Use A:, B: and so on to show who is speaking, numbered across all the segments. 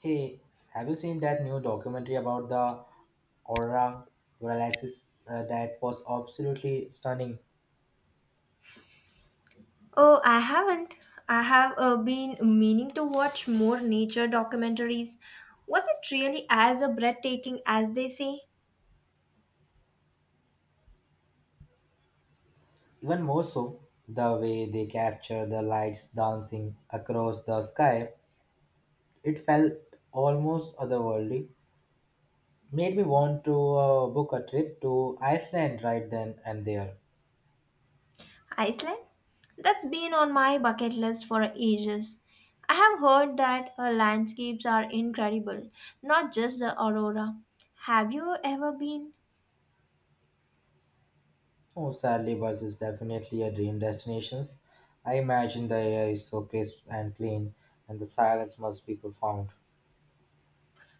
A: Hey, have you seen that new documentary about the aurora Borealis? That was absolutely stunning.
B: Oh, I haven't. I have been meaning to watch more nature documentaries. Was it really as breathtaking as they say?
A: Even more so, the way they capture the lights dancing across the sky, it felt almost otherworldly. Made me want to book a trip to Iceland right then and there.
B: Iceland? That's been on my bucket list for ages. I have heard that landscapes are incredible, not just the aurora. Have you ever been?
A: Oh, sadly, Buzz is definitely a dream destination. I imagine the air is so crisp and clean, and the silence must be profound.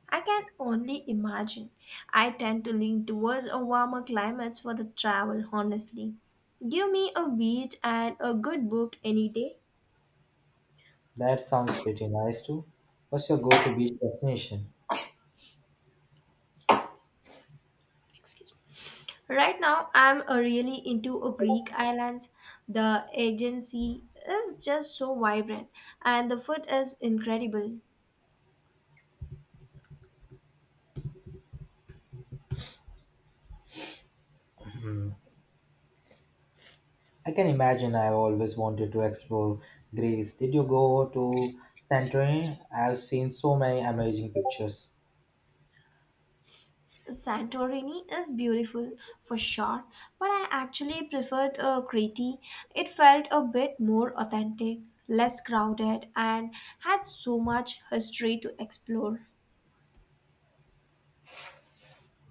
B: I can only imagine. I tend to lean towards a warmer climates for the travel, honestly. Give me a beach and a good book any day.
A: That sounds pretty nice too. What's your go-to beach destination?
B: Excuse me, right now I'm really into a greek islands. The agency is just so vibrant, and the food is incredible.
A: I can imagine. I've always wanted to explore Greece. Did you go to Santorini? I've seen so many amazing pictures.
B: Santorini is beautiful for sure, but I actually preferred crete. It felt a bit more authentic, less crowded, and had so much history to explore.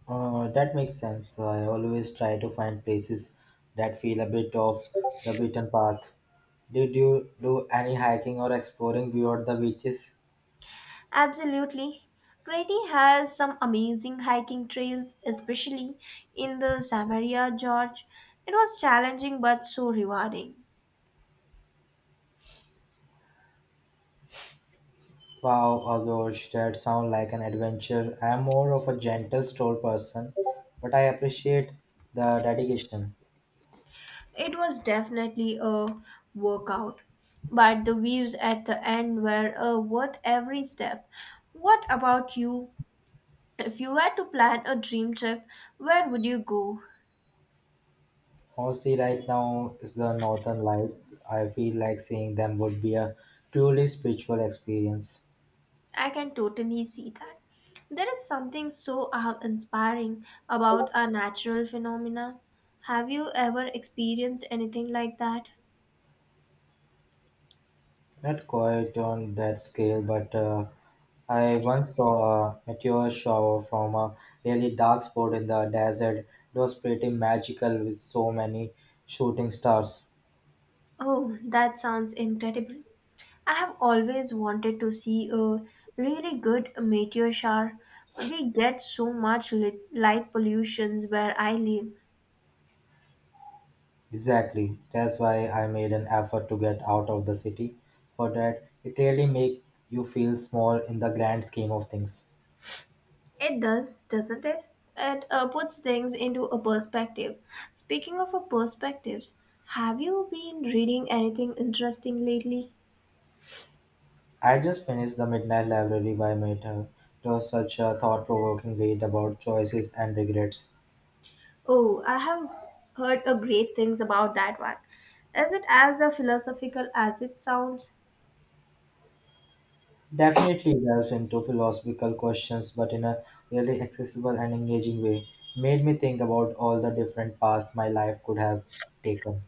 A: That makes sense. I always try to find places that feel a bit off the beaten path. Did you do any hiking or exploring beyond the beaches?
B: Absolutely. Grady has some amazing hiking trails, especially in the Samaria, George. It was challenging but so rewarding.
A: Wow, oh gosh, that sounds like an adventure. I am more of a gentle stroll person, but I appreciate the dedication.
B: It was definitely a workout, but the views at the end were worth every step. What about you? If you had to plan a dream trip, where would you go?
A: Honestly, right now is the Northern Lights. I feel like seeing them would be a purely spiritual experience.
B: I can totally see that. There is something so inspiring about a natural phenomena. Have you ever experienced anything like that?
A: Not quite on that scale, but I once saw a meteor shower from a really dark spot in the desert. It was pretty magical with so many shooting stars.
B: Oh, that sounds incredible. I have always wanted to see a really good meteor shower. We get so much light pollutions where I live.
A: Exactly. That's why I made an effort to get out of the city. For that, it really makes you feel small in the grand scheme of things.
B: It does, doesn't it? It puts things into a perspective. Speaking of a perspectives, have you been reading anything interesting lately?
A: I just finished The Midnight Library by Meter. It was such a thought provoking read about choices and regrets.
B: Oh, I have heard a great things about that one. Is it as a philosophical as it sounds?
A: Definitely delves into philosophical questions, but in a really accessible and engaging way. Made me think about all the different paths my life could have taken.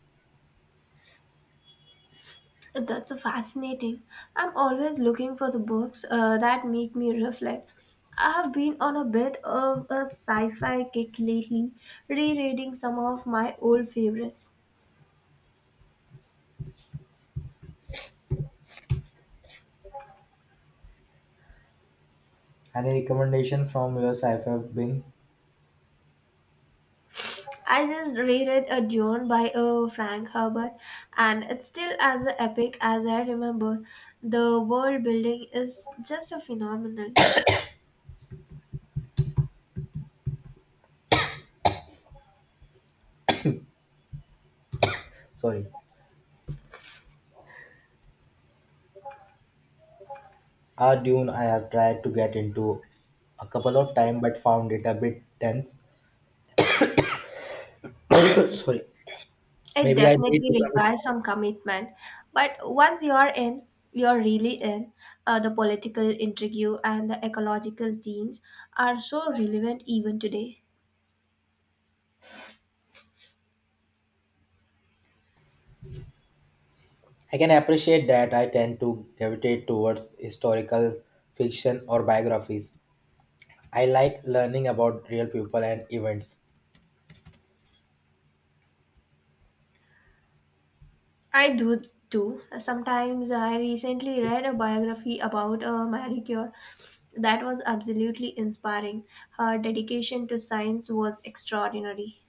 B: That's a fascinating. I'm always looking for the books that make me reflect. I have been on a bit of a sci-fi kick lately, rereading some of my old favorites.
A: Any recommendation from your side have been?
B: I just reread a Dune by Frank Herbert, and it's still as epic as I remember. The world building is just a phenomenal.
A: Sorry. A Dune I have tried to get into a couple of times but found it a bit tense. Sorry.
B: It
A: Maybe I need to
B: definitely
A: commit.
B: requires some commitment, but once you're in, you're really in. The political intrigue and the ecological themes are so relevant even today.
A: I can appreciate that. I tend to gravitate towards historical fiction or biographies. I like learning about real people and events.
B: I do too. Sometimes I recently read a biography about a Marie Curie that was absolutely inspiring. Her dedication to science was extraordinary.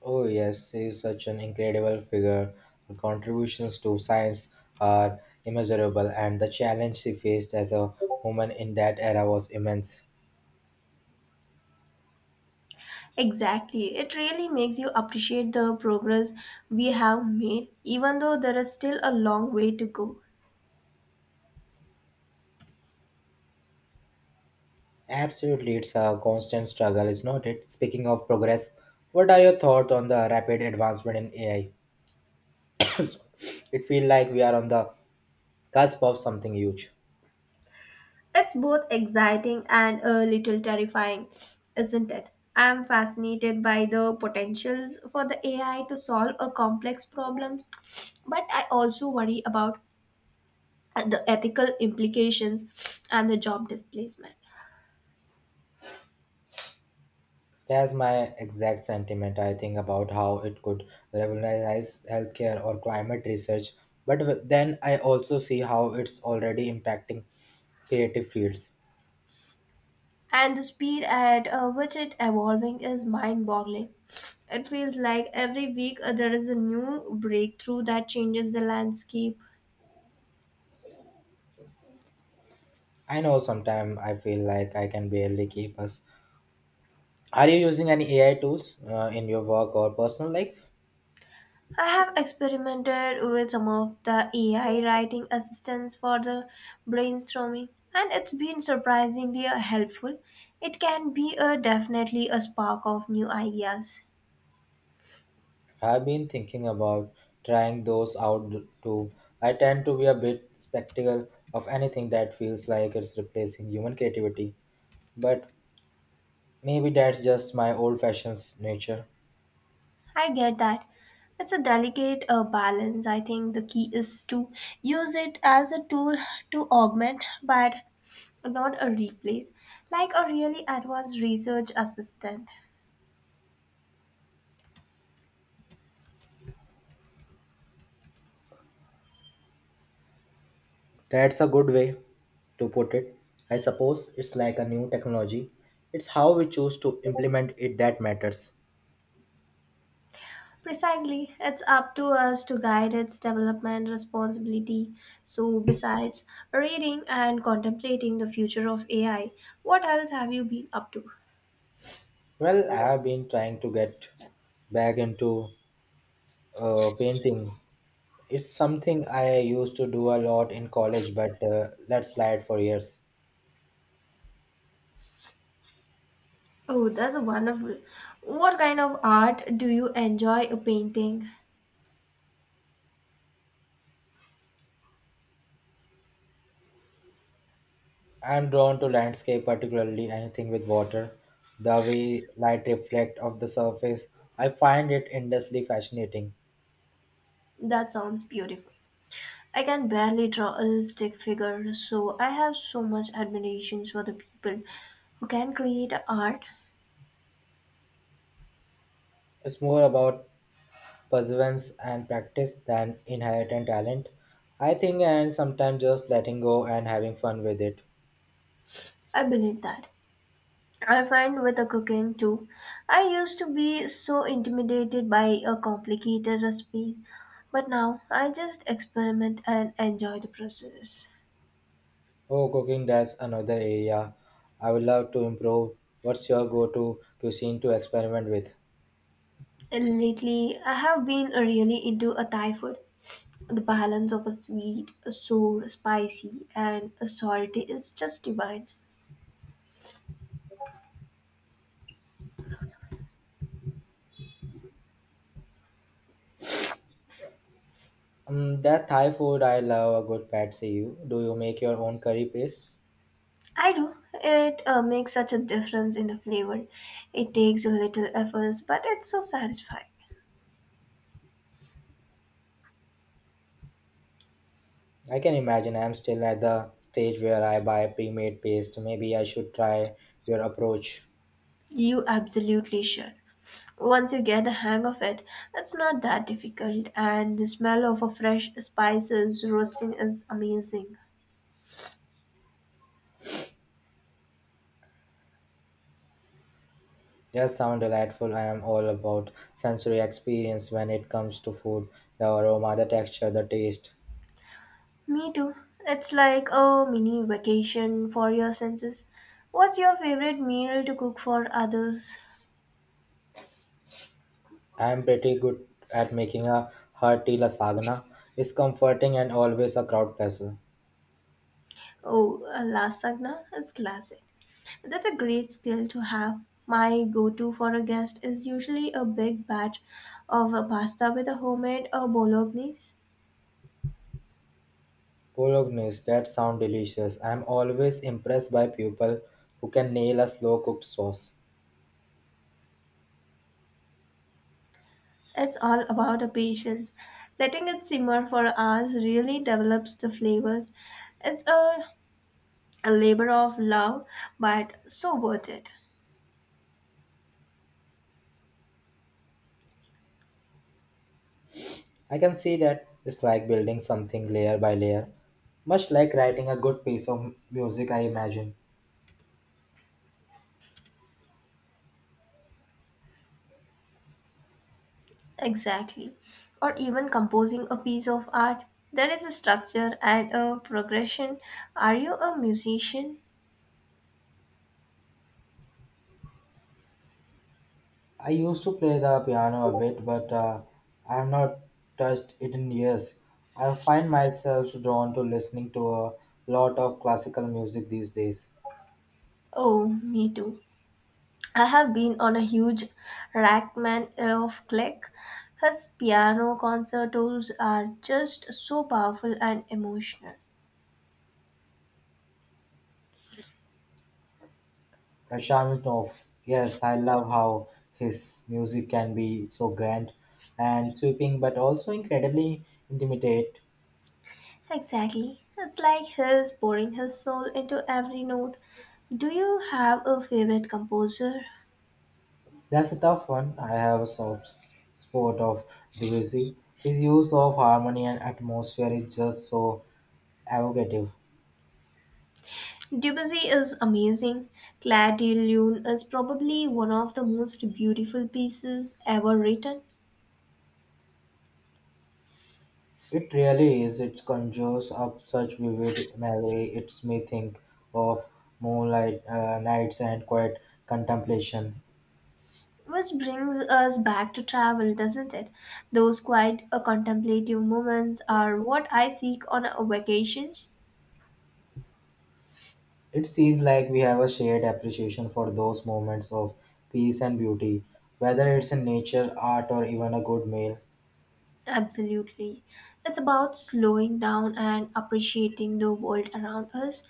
A: Oh, yes, he is such an incredible figure. Her contributions to science are immeasurable, and the challenge she faced as a woman in that era was immense.
B: Exactly. It really makes you appreciate the progress we have made, even though there is still a long way to go.
A: Absolutely, it's a constant struggle, is not it? Speaking of progress, what are your thoughts on the rapid advancement in AI? It feels like we are on the cusp of something huge.
B: It's both exciting and a little terrifying, isn't it? I'm fascinated by the potentials for the AI to solve a complex problem, but I also worry about the ethical implications and the job displacement.
A: That's my exact sentiment. I think about how it could revolutionize healthcare or climate research, but then I also see how it's already impacting creative fields.
B: And the speed at which it evolving is mind-boggling. It feels like every week there is a new breakthrough that changes the landscape.
A: I know sometimes I feel like I can barely keep us. Are you using any AI tools in your work or personal life?
B: I have experimented with some of the AI writing assistants for the brainstorming, and it's been surprisingly helpful. It can be a definitely a spark of new ideas.
A: I've been thinking about trying those out too. I tend to be a bit skeptical of anything that feels like it's replacing human creativity. But maybe that's just my old fashioned nature.
B: I get that. It's a delicate balance. I think the key is to use it as a tool to augment but not a replace, like a really advanced research assistant.
A: That's a good way to put it. I suppose it's like a new technology. It's how we choose to implement it that matters.
B: Precisely, it's up to us to guide its development responsibility. So, besides reading and contemplating the future of AI, what else have you been up to?
A: Well, I have been trying to get back into painting. It's something I used to do a lot in college, but let slide for years.
B: Oh, that's wonderful. What kind of art do you enjoy painting?
A: I'm drawn to landscape, particularly anything with water. The way light reflects off the surface, I find it endlessly fascinating.
B: That sounds beautiful. I can barely draw a stick figure, so I have so much admiration for the people who can create art.
A: It's more about perseverance and practice than inherent talent, I think, and sometimes just letting go and having fun with it.
B: I believe that I find with the cooking too. I used to be so intimidated by a complicated recipe, but now I just experiment and enjoy the process.
A: Oh, cooking, that's another area I would love to improve. What's your go to cuisine to experiment with?
B: Lately, I have been really into a Thai food. The balance of a sweet, a sour, spicy, and a salty is just divine.
A: That Thai food, I love a good pad see you. Do you make your own curry pastes?
B: I do. It makes such a difference in the flavor. It takes a little effort, but it's so satisfying.
A: I can imagine. I'm still at the stage where I buy pre made paste. Maybe I should try your approach.
B: You absolutely should. Once you get the hang of it, it's not that difficult, and the smell of a fresh spices roasting is amazing.
A: Yes, sound delightful. I am all about sensory experience when it comes to food, the aroma, the texture, the taste.
B: Me too. It's like a mini vacation for your senses. What's your favorite meal to cook for others?
A: I am pretty good at making a hearty lasagna. It's comforting and always a crowd pleaser.
B: Oh, lasagna is classic. That's a great skill to have. My go to for a guest is usually a big batch of pasta with a homemade or bolognese.
A: Bolognese, that sound delicious. I am always impressed by people who can nail a slow cooked sauce.
B: It's all about the patience. Letting it simmer for hours really develops the flavors. It's a labor of love, but so worth it.
A: I can see that. It's like building something layer by layer, much like writing a good piece of music, I imagine.
B: Exactly. Or even composing a piece of art. There is a structure and a progression. Are you a musician?
A: I used to play the piano a bit, but I have not touched it in years. I find myself drawn to listening to a lot of classical music these days.
B: Oh, me too. I have been on a huge Rackman of Click. His piano concertos are just so powerful and emotional.
A: Rachmaninoff, yes, I love how his music can be so grand and sweeping, but also incredibly intimate.
B: Exactly. It's like his pouring his soul into every note. Do you have a favorite composer?
A: That's a tough one. I have a soft spot of Debussy. His use of harmony and atmosphere is just so evocative.
B: Debussy is amazing. Clair de Lune is probably one of the most beautiful pieces ever written.
A: It really is. It conjures up such vivid imagery. It makes me think of moonlight nights and quiet contemplation.
B: Which brings us back to travel, doesn't it? Those quiet, contemplative moments are what I seek on vacations.
A: It seems like we have a shared appreciation for those moments of peace and beauty, whether it's in nature, art, or even a good meal,
B: Absolutely. It's about slowing down and appreciating the world around us,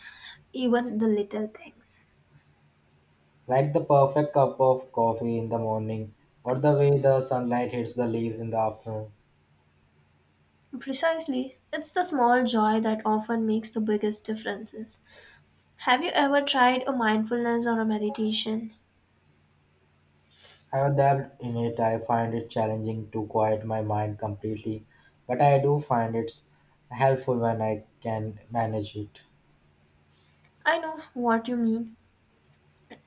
B: even the little things.
A: like the perfect cup of coffee in the morning or the way the sunlight hits the leaves in the afternoon.
B: Precisely. It's the small joy that often makes the biggest differences. Have you ever tried a mindfulness or a meditation?
A: I've dabbled in it. I find it challenging to quiet my mind completely, but I do find it's helpful when I can manage it.
B: I know what you mean.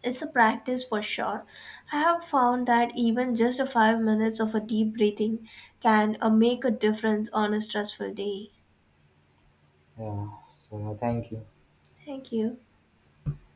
B: It's a practice for sure. I have found that even just a 5 minutes of a deep breathing can make a difference on a stressful day.
A: Yeah. So thank you.
B: Thank you.